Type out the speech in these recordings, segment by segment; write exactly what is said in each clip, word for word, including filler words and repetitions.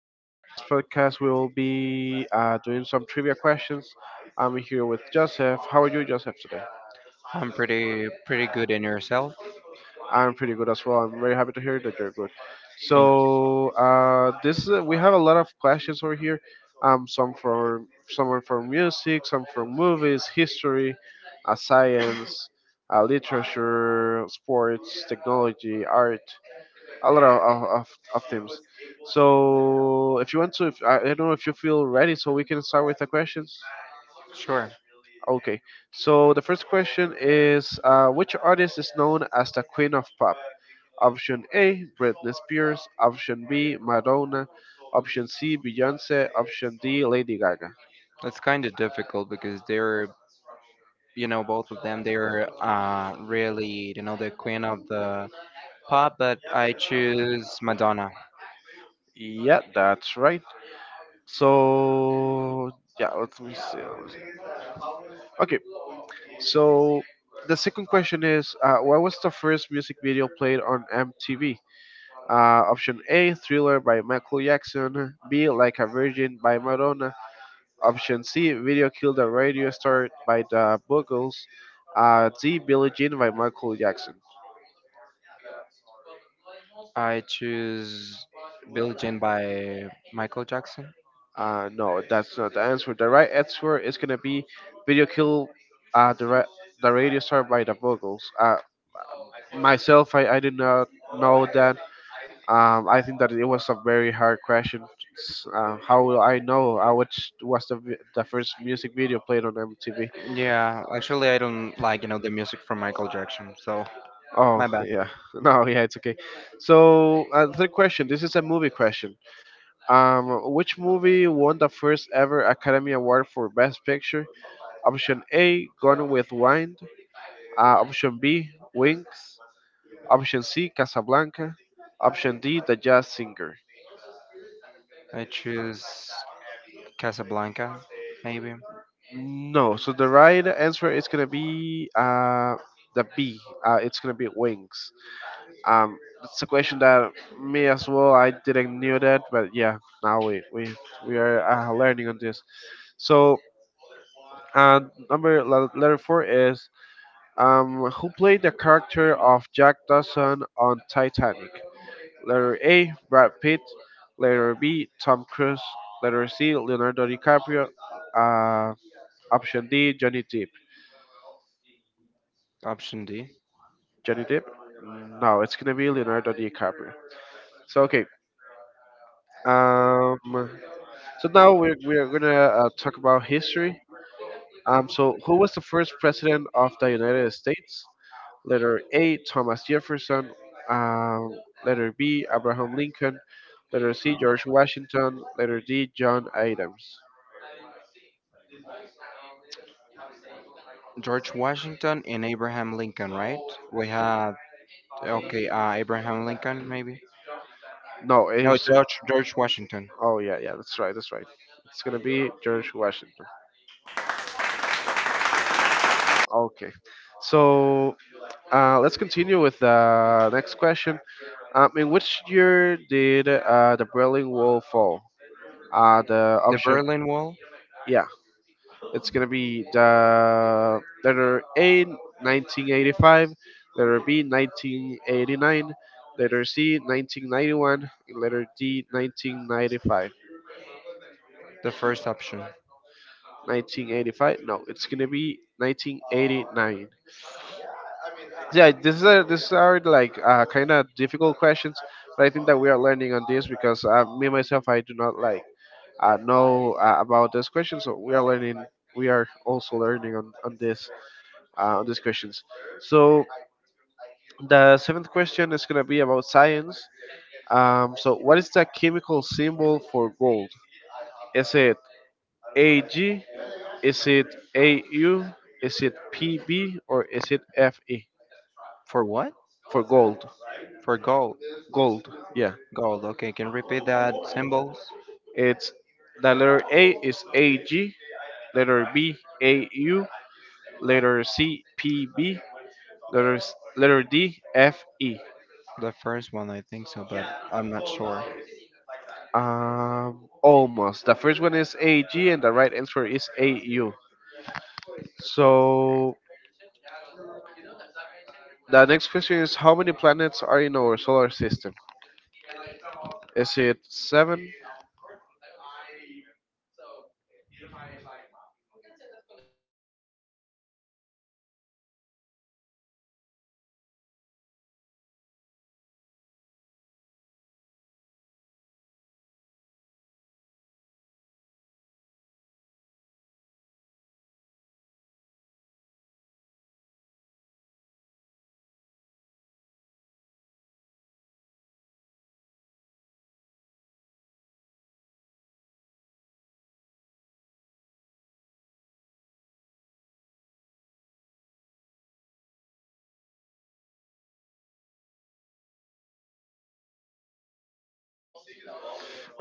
Um, on this podcast, we will be uh, doing some trivia questions. I'm here with Joseph. How are you, Joseph, today? I'm pretty pretty good in yourself. I'm pretty good as well. I'm very happy to hear that you're good. Thank So, uh, this is- we have a lot of questions over here. Um, some from some are from music, some from movies, history, uh, science, uh, literature, sports, technology, art. A lot of, of, of, of teams. So if you want to, if, I I don't know if you feel ready, so we can start with the questions. you. Sure. Okay. So the first question is, uh, which artist is known as the Queen of Pop? Option A, Britney Spears. Option B, Madonna. Option C, Beyonce. Option D, Lady Gaga. It's kind of difficult because they're, you know, both of them, they're uh, really, you know, the queen of the pop, but I choose Madonna. Yeah, that's right. So yeah, let me see. Let me see. Okay. So the second question is, uh, what was the first music video played on M T V? Uh, option A, Thriller by Michael Jackson. B, Like a Virgin by Madonna. Option C, Video Killed a Radio Star by the Buggles. Uh, D, Billie Jean by Michael Jackson. I choose Billie Jean by Michael Jackson. Uh, no, that's not the answer. The right answer is gonna be Video Kill uh, the, ra- the Radio Star by the Buggles. Uh, myself, I, I did not know that. Um, I think that it was a very hard question. S- Uh, how will I know uh, which was the, vi- the first music video played on M T V? Yeah, actually, I don't like you know the music from Michael Jackson, so Oh my bad. yeah, no, yeah, it's okay. So uh, third question. This is a movie question. Um, which movie won the first ever Academy Award for Best Picture? Option A, Gone with Wind. Uh, option B, Wings. Option C, Casablanca. Option D, The Jazz Singer. I choose Casablanca, maybe No, so the right answer is gonna be uh the B. Uh, it's gonna be Wings. Um, it's a question that me as well. I didn't knew that, but yeah, now we we we are uh, learning on this. So uh, number le- letter four is um, who played the character of Jack Dawson on Titanic? Letter A, Brad Pitt. Letter B, Tom Cruise. Letter C, Leonardo DiCaprio. Uh, Option D, Johnny Depp. option D. Johnny Depp? No, it's gonna be Leonardo DiCaprio. So okay. Um, So now we're we're gonna uh, talk about history. Um, so who was the first president of the United States? Letter A, Thomas Jefferson. Um, letter B, Abraham Lincoln. Letter C, George Washington. Letter D, John Adams. George Washington and Abraham Lincoln, right? We have okay, uh, Abraham Lincoln, maybe. No, it No, was. George George Washington. Oh yeah, yeah, that's right, that's right. It's gonna be George Washington. Okay, so uh, let's continue with the next question. Um, in which year did uh, the Berlin Wall fall? Uh, the The option, Berlin Wall, yeah, it's gonna be the letter A, nineteen eighty-five, letter B, nineteen eighty-nine, letter C, nineteen ninety-one, and letter D, nineteen ninety-five. the first option. nineteen eighty-five? No, it's gonna be nineteen eighty-nine. Yeah, this is a, this are like uh, kind of difficult questions, but I think that we are learning on this because uh, me myself I do not like uh, know uh, about this question, so we are learning. We are also learning on on this. Uh, on these questions. So the seventh question is going to be about science. Um, so what is the chemical symbol for gold? Is it Ag? Is it Au? Is it Pb or is it Fe For what? for gold? For gold. Gold, yeah. Gold. Okay, can you repeat that symbols? It's the letter A is Ag, letter B Au, letter C Pb, letter S- letter D Fe. The first one, I think so, but I'm not sure. Um, almost. The first one is A G, and the right answer is A U. So the next question is how many planets are in our solar system? Is it seven?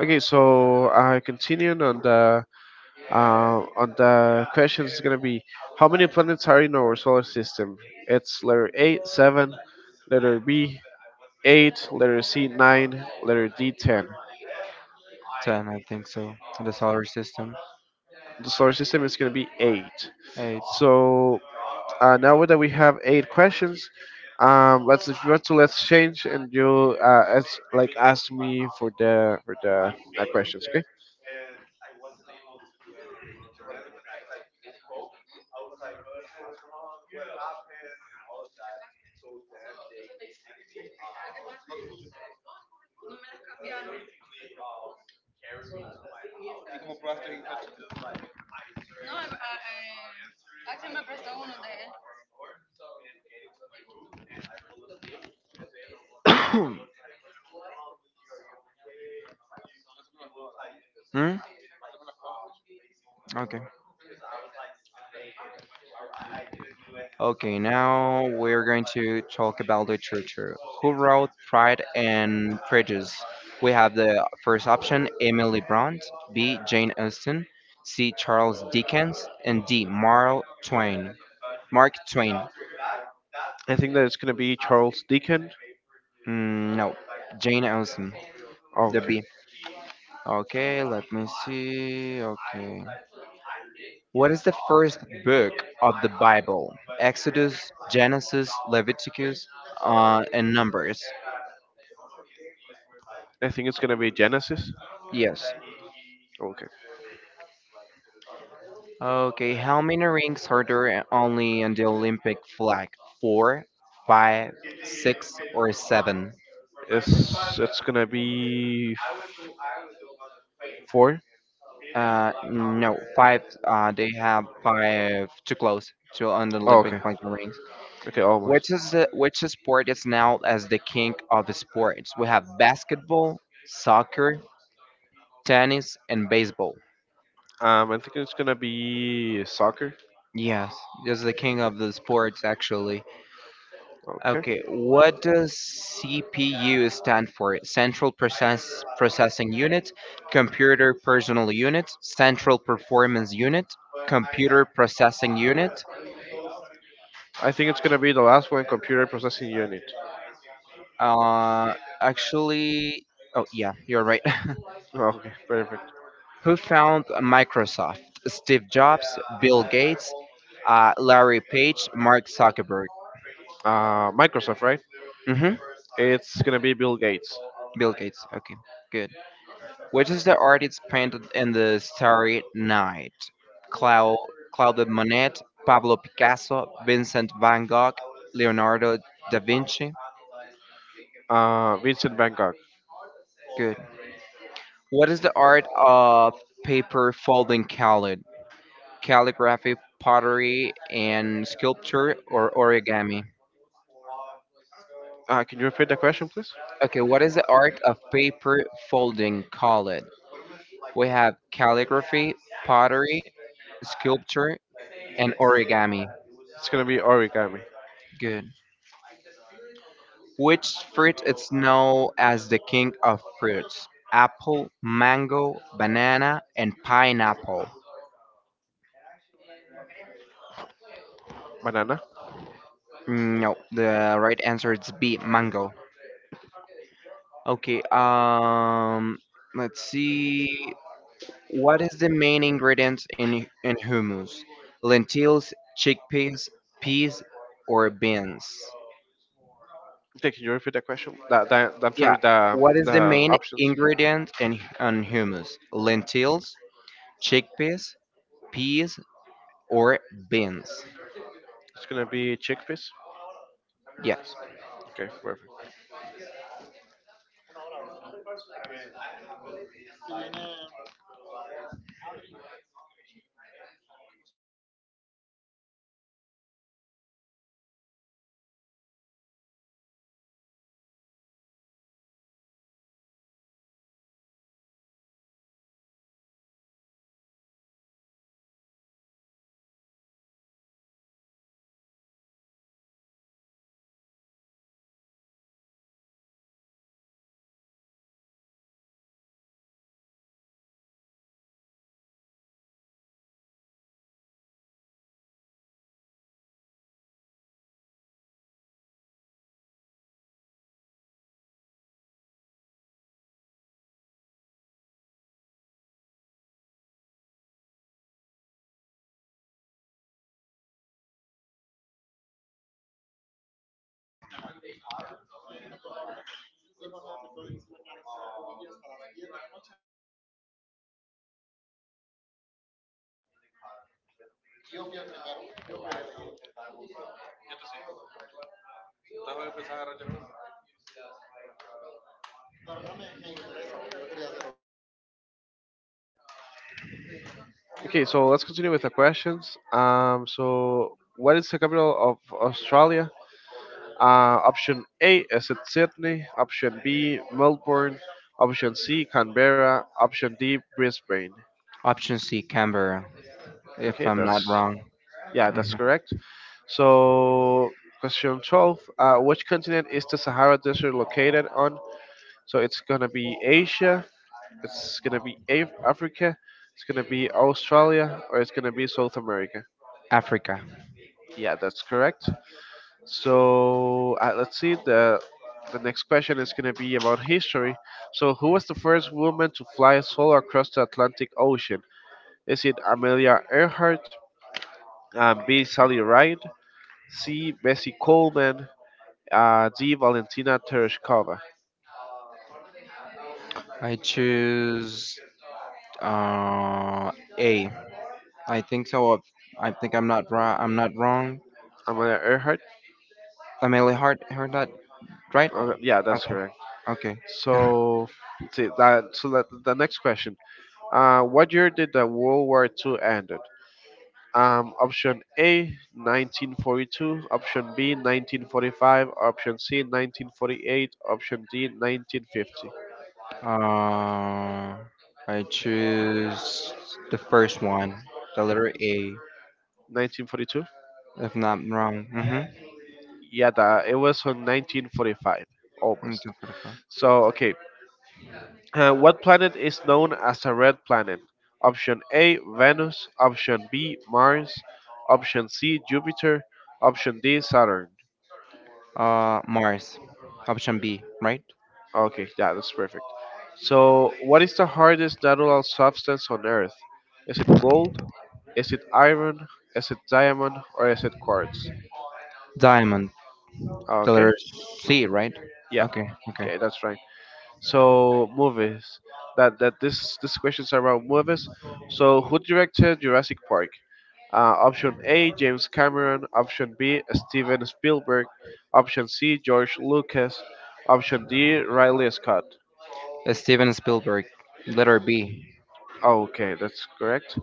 Okay, so uh, continuing on the uh, on the questions is gonna be how many planets are in our solar system? It's letter A seven, letter B eight, letter C nine, letter D ten. ten, I think so, in the solar system. The solar system is gonna be eight. eight. So Uh, now that we have eight questions, um, let's if you want to let's change and you uh, ask, like ask me for the for the uh, questions. Okay. Hmm? Okay. Okay, now we're going to talk about literature. Who wrote Pride and Prejudice? We have the first option Emily Bront, B. Jane Austen, C. Charles Dickens, and D. Marl Twain. Mark Twain. I think that it's gonna be Charles Deacon. Mm, no, Jane Austen, Oh, the okay. B. Okay, let me see. Okay. What is the first book of the Bible? Exodus, Genesis, Leviticus, uh, and Numbers. I think it's gonna be Genesis. Yes. Okay. Okay, how many rings are there only on the Olympic flag? Four, five, six, or seven? It's it's gonna be four. Uh, no, five. Uh, they have five too close to on the Oh, Olympic okay. flag rings. Okay, Which almost. is the, which sport is now as the king of sports? We have basketball, soccer, tennis, and baseball. Um, I think it's gonna be soccer. Yes, this is the king of the sports actually. Okay. Okay, what does C P U stand for? Central Process Processing Unit, Computer Personal Unit, Central Performance Unit, Computer Processing Unit. I think it's gonna be the last one, computer processing unit. Uh, Actually, oh yeah, you're right. Okay, perfect. Who found Microsoft? Steve Jobs, Bill Gates, uh, Larry Page, Mark Zuckerberg. Uh, Microsoft, right? Mm-hmm. It's gonna be Bill Gates. Bill Gates. Okay, good. Which is the artist painted in the Starry Night? Clau- Claude Monet, Pablo Picasso, Vincent van Gogh, Leonardo da Vinci. Uh, Vincent Van Gogh. Good. What is the art of paper folding called? Calligraphy, pottery, and sculpture or origami? Uh, can you repeat the question, please? Okay, what is the art of paper folding called? We have calligraphy, pottery, sculpture, and origami. It's gonna be origami. Good. Which fruit is known as the king of fruits? Apple, mango, banana, and pineapple. Banana. Mm, no, the right answer is B, mango. Okay, um, let's see. What is the main ingredient in in hummus? Lentils, chickpeas, peas, or beans? Okay, can you repeat the question? The, the, I'm Yeah, sorry, the, what is the the main options. ingredient in on hummus? Lentils, chickpeas, peas, or beans? It's gonna be chickpeas. Yes. Okay, perfect. Okay, so let's continue with the questions. Um, so what is the capital of Australia? Uh, option A is it Sydney? Option B Melbourne. Option C Canberra. Option D Brisbane. Option C, Canberra, if Okay, I'm that's not wrong. yeah, that's Mhm. correct. So question twelve: uh, which continent is the Sahara Desert located on? So it's gonna be Asia. It's gonna be Af- Africa. It's gonna be Australia, or it's gonna be South America. Africa. Yeah, that's correct. So uh, let's see. The the next question is going to be about history. So who was the first woman to fly solo across the Atlantic Ocean? Is it Amelia Earhart, um, B. Sally Ride, C. Bessie Coleman, uh, D. Valentina Tereshkova? I choose uh, A. I think so. if- I think I'm not wrong. I'm not wrong. Amelia Earhart. Amelia Hart heard that right? Uh, yeah, that's Okay. correct. Okay. So, let's see, that so that, the next question. Uh, what year did the World War Two end? Um, option A, nineteen forty-two. Option B, nineteen forty-five. Option C, nineteen forty-eight. Option D, nineteen fifty. uh, I choose the first one, the letter A, nineteen forty-two? if not wrong. Mm-hmm. Yeah, that, it was on nineteen forty-five, almost. Into forty-five. So, okay. Uh, what planet is known as a red planet? Option A, Venus. Option B, Mars. Option C, Jupiter. Option D, Saturn. Uh, Mars. Option B, right? Okay, yeah, that's perfect. So, what is the hardest natural substance on Earth? Is it gold? Is it iron? Is it diamond? Or is it quartz? Diamond. The Okay. letter C, right? Yeah. Okay. Okay. Okay, that's right. So movies. That that this this question's around movies. So who directed Jurassic Park? Uh, option A, James Cameron. Option B, Steven Spielberg. Option C, George Lucas. Option D, Riley Scott. Steven Spielberg. Letter B. Okay, that's correct.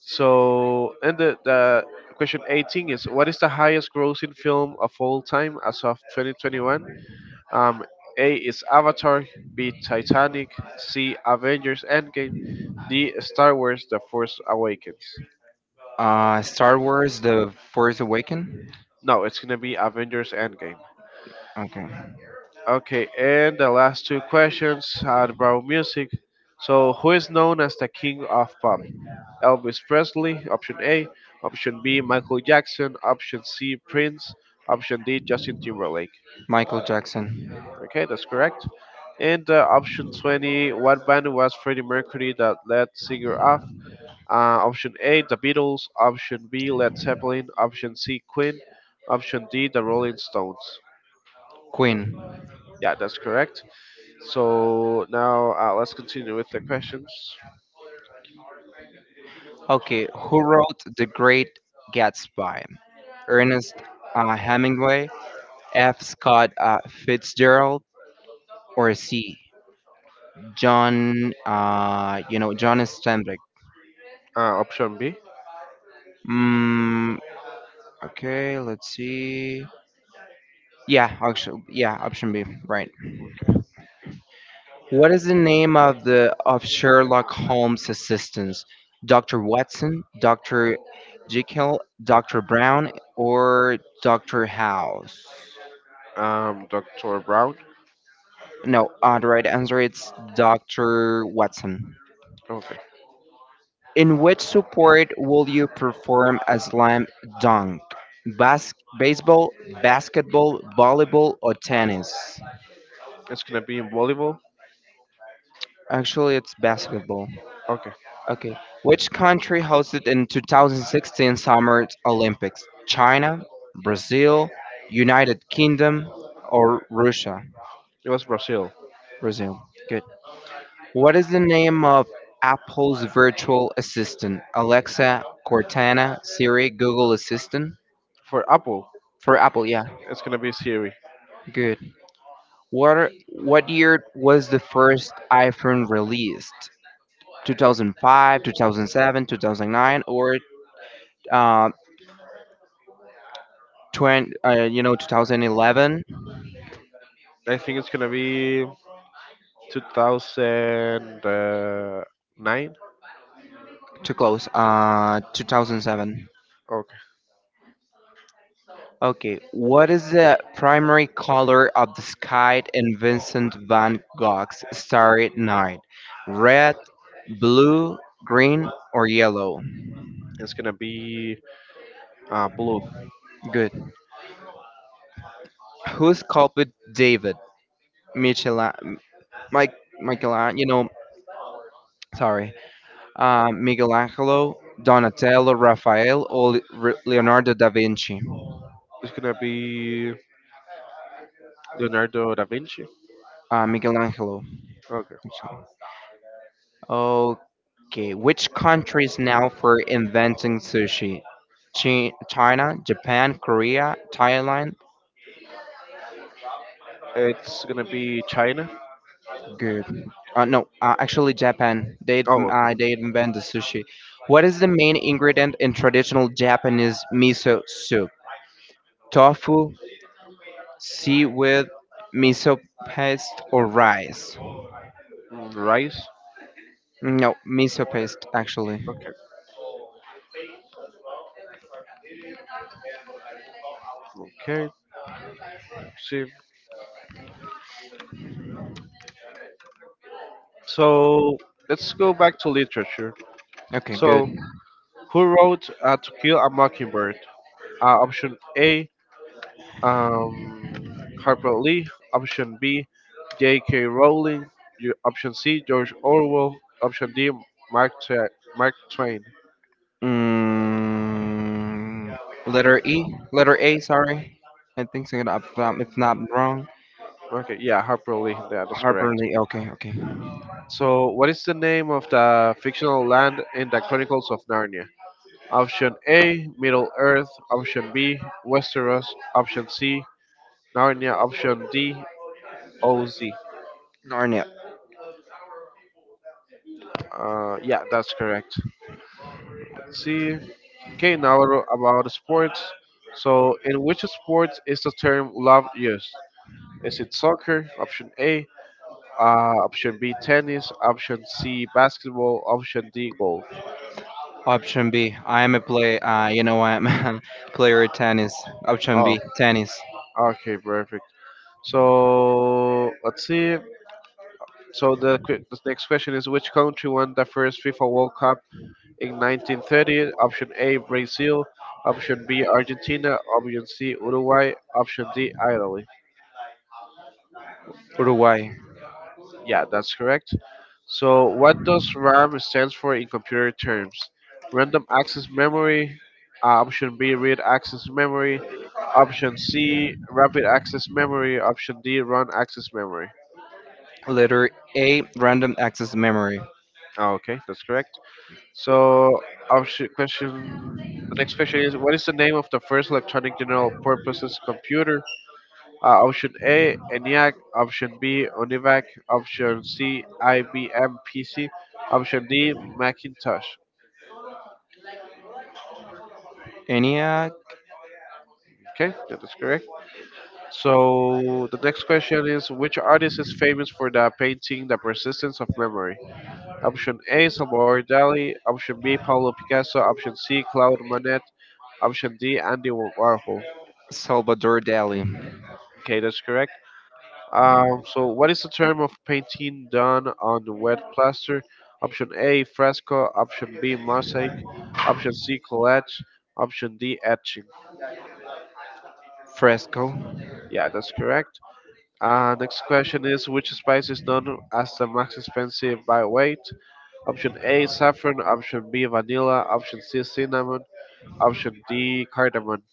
So, and the, the question eighteen is what is the highest grossing film of all time as of twenty twenty-one? Um, A is Avatar, B Titanic, C Avengers Endgame, D Star Wars: The Force Awakens. Uh, Star Wars: The Force Awakens. No, it's gonna be Avengers Endgame. Okay. Okay, and the last two questions are about music. So, who is known as the king of pop? Elvis Presley, option A. Option B, Michael Jackson. Option C, Prince. Option D, Justin Timberlake. Michael Jackson. Okay, that's correct. And uh, option twenty, what band was Freddie Mercury that led singer of? Uh, option A, The Beatles. Option B, Led Zeppelin. Option C, Queen. Option D, The Rolling Stones. Queen. Yeah, that's correct. So now uh, let's continue with the questions. Okay. Who wrote The Great Gatsby? Ernest uh, Hemingway, F. Scott uh, Fitzgerald, or C. John. Uh, you know John Steinbeck. Uh, option B. Mm, okay. Let's see. Yeah. Actually, yeah. Option B. Right. Okay. What is the name of the of Sherlock Holmes' assistants? Doctor Watson, Doctor Jekyll, Doctor Brown, or Doctor House? Um, doctor Brown. No, uh, the right answer is Doctor Watson. Okay. In which sport will you perform a slam dunk? Bas- Baseball, basketball, volleyball, or tennis? It's gonna be in volleyball. Actually, it's basketball. Okay. Okay. Which country hosted in twenty sixteen Summer Olympics? China, Brazil, United Kingdom, or Russia? It was Brazil. Brazil. Good. What is the name of Apple's virtual assistant? Alexa, Cortana, Siri, Google Assistant? For Apple, For Apple, yeah. it's gonna be Siri. Good. What are, what year was the first iPhone released? two thousand five, two thousand seven, two thousand nine, or uh, twenty, uh, you know, twenty eleven? I think it's gonna be two thousand nine. Too close. Uh, two thousand seven. Okay. Okay, what is the primary color of the sky in Vincent van Gogh's Starry Night? Red, blue, green, or yellow? It's gonna be uh, blue. Good. Who sculpted David? Michelangelo, Mike, Michelangelo, you know, sorry, uh, Michelangelo, Donatello, Raphael, or Le- Leonardo da Vinci? It's gonna be Leonardo da Vinci. Uh, Michelangelo Okay. actually. Okay, which country is now for inventing sushi? Chi- China, Japan, Korea, Thailand. It's gonna be China. Good. Uh, no, uh, actually Japan. They Oh, uh, okay. they invent the sushi. What is the main ingredient in traditional Japanese miso soup? Tofu, seaweed, miso paste, or rice? Mm, rice. No, miso paste actually. Okay. Okay. See. So let's go back to literature. Okay, So good. who wrote uh, To Kill a Mockingbird? Uh, option A. Um, Harper Lee. Option B. J K. Rowling. Yo- Option C. George Orwell. Option D. Mark Twa- Mark Twain. Mm, letter E, letter A. Sorry, I think so. If I'm if not wrong, Okay. Yeah, Harper Lee. Yeah, that's Harper correct. Lee. Okay, okay. So, what is the name of the fictional land in the Chronicles of Narnia? Option A, Middle Earth. Option B, Westeros. Option C, Narnia. Option D, O Z. Arnett. Uh, yeah, that's correct. Let's see. Okay, now a- about sports. So, in which sports is the term love used? Is it soccer? Option A. Uh, option B, tennis. Option C, basketball. Option D, golf. Option B. I am a play. Uh, you know I am a player at tennis. Option Oh, B. Tennis. okay, perfect. So let's see. So the, que- the next question is which country won the first FIFA World Cup in nineteen thirty? Option A, Brazil. Option B, Argentina. Option C, Uruguay. Option D, Italy. Uruguay. Yeah, that's correct. So what does RAM stands for in computer terms? Random access memory. Uh, option B, read access memory. Option C, rapid access memory. Option D, run access memory. Letter A. Random access memory. Ah, okay, that's correct. So our sh- question, the next question is, what is the name of the first electronic general purposes computer? Uh, option A, ENIAC. Option B, ONIVAC. Option C, I B M P C. Option D, Macintosh. Enia Okay, that is correct. So the next question is, which artist is famous for the painting The Persistence of Memory? Option A, Salvador Dali. Option B, Pablo Picasso. Option C, Claude Monet. Option D, Andy Warhol. Salvador Dali. Okay, that's correct. Um, so, what is the term of painting done on the wet plaster? Option A, fresco. Option B, mosaic. Option C, collage. Option D, etching. Fresco. Yeah, that's correct. Uh, next question is which spice is known as the most expensive by weight? Option A, saffron. Option B, vanilla. Option C, cinnamon. Option D, cardamom.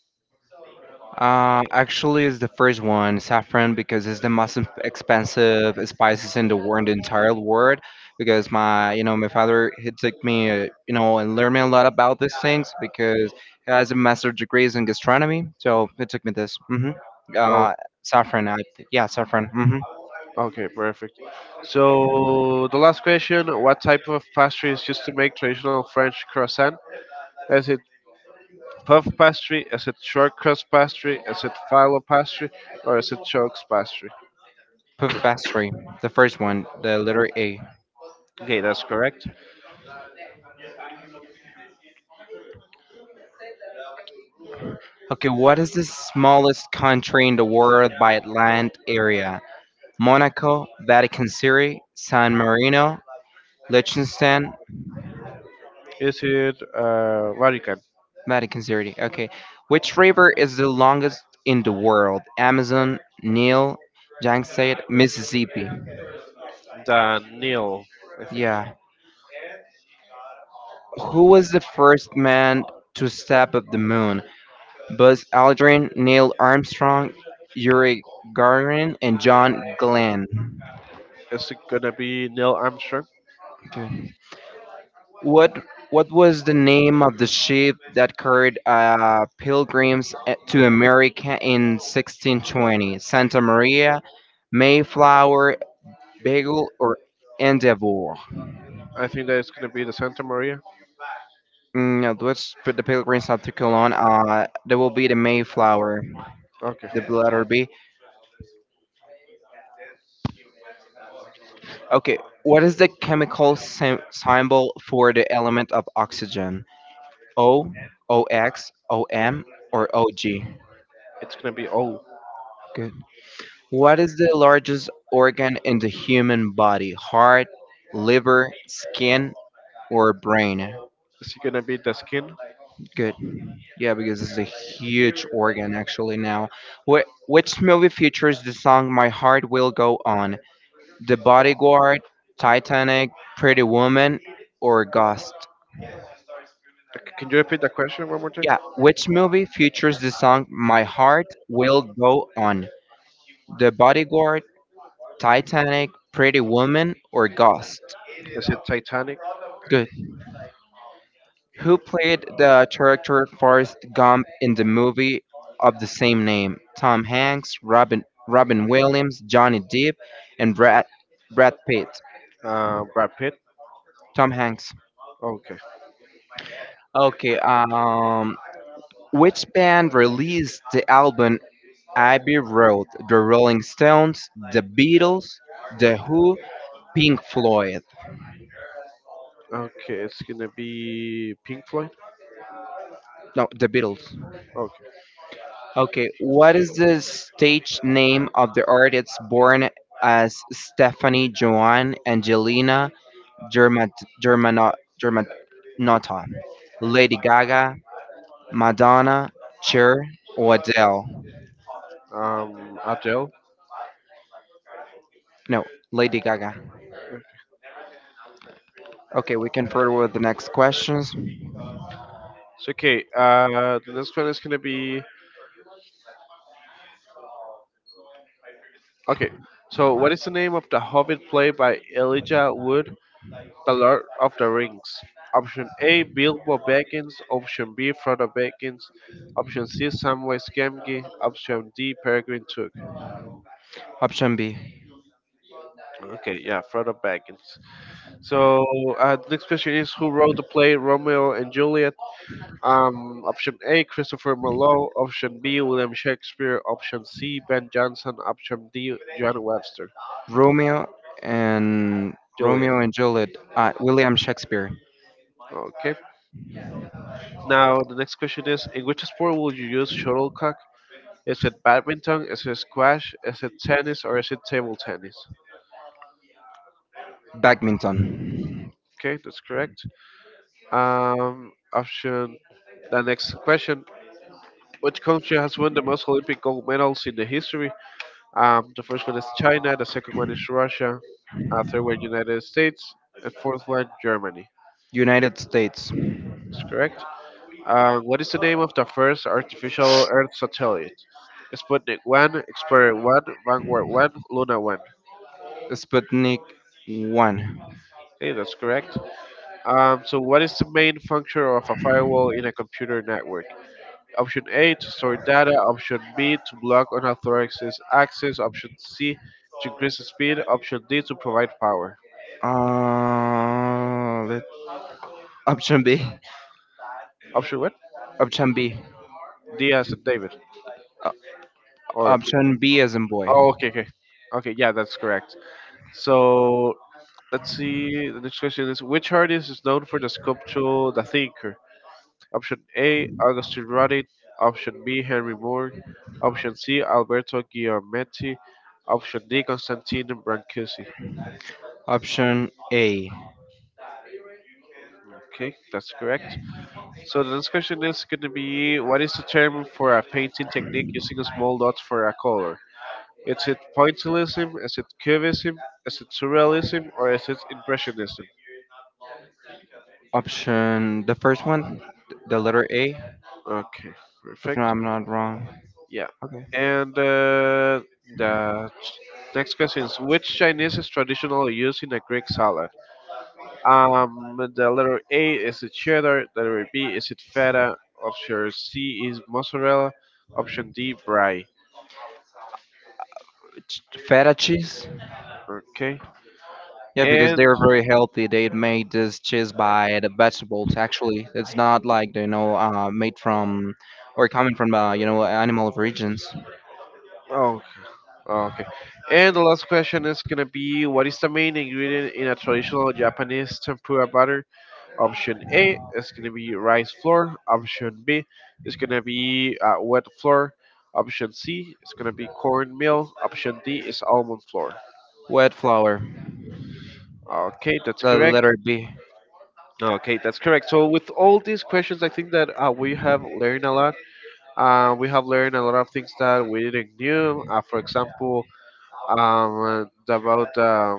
Uh, actually, it's the first one, saffron, because it's the most em- expensive spices in the world, the entire world. Because my, you know, my father he took me, uh, you know, and learned me a lot about these things because he has a master's degrees in gastronomy. So he took me this. hmm Uh, Oh, Saffron. I, th- yeah, saffron. hmm okay, perfect. So the last question: what type of pastry is used to make traditional French croissant? Is it puff pastry? Is it short crust pastry? Is it phyllo pastry? Or is it chokes pastry? Pastry, the first one, the letter A. Okay, that's correct. Okay, what is the smallest country in the world by land area? Monaco, Vatican City, San Marino, Liechtenstein, Is it uh, Vatican? Vatican City. Okay. Which river is the longest in the world? Amazon, Nile, Yangtze, Mississippi. Than Neil, I think. Yeah. Who was the first man to step up the moon? Buzz Aldrin, Neil Armstrong, Yuri Gagarin, and John Glenn. Is it gonna be Neil Armstrong? Okay. What what was the name of the ship that carried uh, pilgrims a- to America in sixteen twenty? Santa Maria, Mayflower, Beagle, or Endeavour? I think that it's gonna be the Santa Maria. Mm, no, let's put the pilgrims up to Cologne. Uh, there will be the Mayflower, Okay, the letter B. Okay, what is the chemical sym- symbol for the element of oxygen? O, O X, O M, or O G? it's gonna be O. What is the largest organ in the human body? Heart, liver, skin, or brain? Is it gonna be the skin? Good. Yeah, because it's a huge organ actually now. Wh- which movie features the song My Heart Will Go On? The Bodyguard, Titanic, Pretty Woman, or Ghost? Uh, Can you repeat the question one more time? Yeah, which movie features the song My Heart Will Go On? The Bodyguard, Titanic, Pretty Woman, or Ghost? Is it Titanic? Good. Who played the character Forrest Gump in the movie of the same name? Tom Hanks, Robin Robin Williams, Johnny Depp, and Brad Brad Pitt. Uh, Brad Pitt? Tom Hanks. Okay. Okay. Um, which band released the album Abbey Road? The Rolling Stones, the Beatles, the Who, Pink Floyd. Okay, it's gonna be Pink Floyd? No, the Beatles. Okay. Okay, what is the stage name of the artist born as Stephanie Joanne Angelina German, Germano, Germanotta? Lady Gaga, Madonna, Cher, or Adele? Um, Adele? No, Lady Gaga. Okay, we can further with the next questions. So okay, uh, the next one is gonna be okay. So what is the name of the Hobbit play by Elijah Wood, The Lord of the Rings? Option A: Bilbo Baggins. Option B: Frodo Baggins. Option C: Samwise Gamgee. Option D: Peregrine Took. Option B, Okay, yeah, Frodo Baggins. So uh, the next question is who wrote the play Romeo and Juliet? Um, option A, Christopher Marlowe. Option B, William Shakespeare. Option C, Ben Jonson. Option D, John Webster. Romeo and Julia. Romeo and Juliet, uh, William Shakespeare, Okay. Now the next question is: In which sport will you use shuttlecock? Is it badminton? Is it squash? Is it tennis, or is it table tennis? Badminton, Okay, that's correct. Um, option. The next question: Which country has won the most Olympic gold medals in the history? Um, the first one is China. The second one is Russia. Uh, third one, United States. And fourth one, Germany. United States, That's correct. Uh, what is the name of the first artificial Earth satellite? Sputnik one, Explorer one, Vanguard one, Luna one. Sputnik one. Hey, that's correct. Um, so, what is the main function of a firewall in a computer network? Option A to store data, Option B to block unauthorized access, Option C to increase the speed, Option D to provide power. Uh, let, Option B. Option what? Option B. D as in David. Uh, Or B. Option B as in boy. Oh, okay, okay. Okay, yeah, that's correct. So, let's see. The next question is: Which artist is known for the sculpture The Thinker? Option A: Augustine Rodin. Option B: Henry Moore. Option C: Alberto Giametti. Option D: Constantine Brancusi. Option A. Okay, that's correct. So the next question is going to be: What is the term for a painting technique using a small dots for a color? Is it pointillism? Is it cubism? Is it surrealism? Or is it impressionism? Option the first one, the letter A. Okay, If not, perfect. I'm not wrong. Yeah. Okay. And uh, the next question is which Chinese is traditionally used in a Greek salad? Um, the letter A is it cheddar, the letter B is it feta, option C is mozzarella, option D brie. Ch- Feta cheese. Okay. Yeah, because And they're very healthy. They made this cheese by the vegetables. Actually, it's not like you know uh, made from or coming from uh, you know animal origins. oh, okay. And the last question is gonna be what is the main ingredient in a traditional Japanese tempura butter? Option A is going to be rice flour. Option B is going to be uh, wet flour. Option C is going to be cornmeal. Option D is almond flour. Wet flour. Okay, that's The correct. letter B. Okay, that's correct. So with all these questions, I think that uh, we have learned a lot. Uh, we have learned a lot of things that we didn't knew. Uh, for example, um, uh, about uh,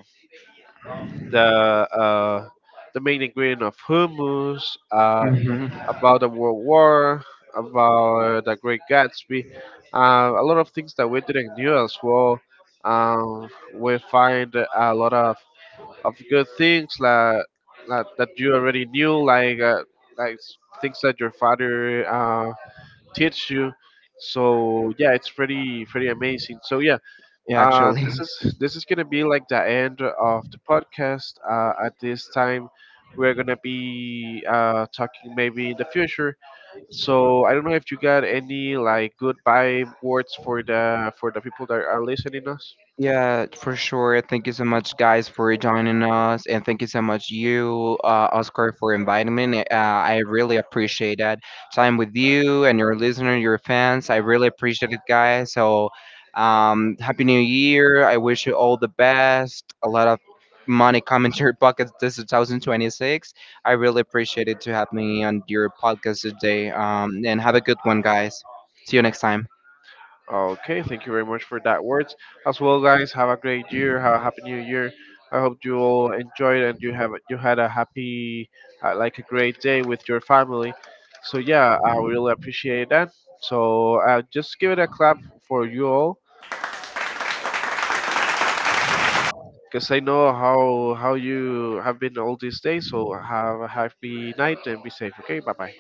the uh, the main ingredient of hummus. Uh, hmm About the World War, about the Great Gatsby, uh, a lot of things that we didn't knew as well. Um, we find a lot of, of good things that, that that you already knew, like uh, like s- things that your father uh, teach you. So yeah, it's pretty pretty amazing. So yeah, Yeah, uh, actually. this is this is gonna be like the end of the podcast. Uh, at this time, we're gonna be uh, talking maybe in the future so I don't know if you got any like goodbye words for the for the people that are listening us. Yeah, for sure. Thank you so much, guys, for joining us, and thank you so much, you, uh, Oscar, for inviting me. Uh, I really appreciate that time with you and your listener, your fans. I really appreciate it, guys. So, um, happy New Year! I wish you all the best. A lot of money coming to your pockets this two thousand twenty-six. I really appreciate it to have me on your podcast today. Um, and have a good one, guys. See you next time. Okay, thank you very much for that words. As well, guys, have a great year. Have a happy new year. I hope you all enjoyed and you have you had a happy, uh, like a great day with your family. So yeah, I really appreciate that. So uh, just give it a clap for you all, because I know how how you have been all these days. So have a happy night and be safe. Okay, bye bye.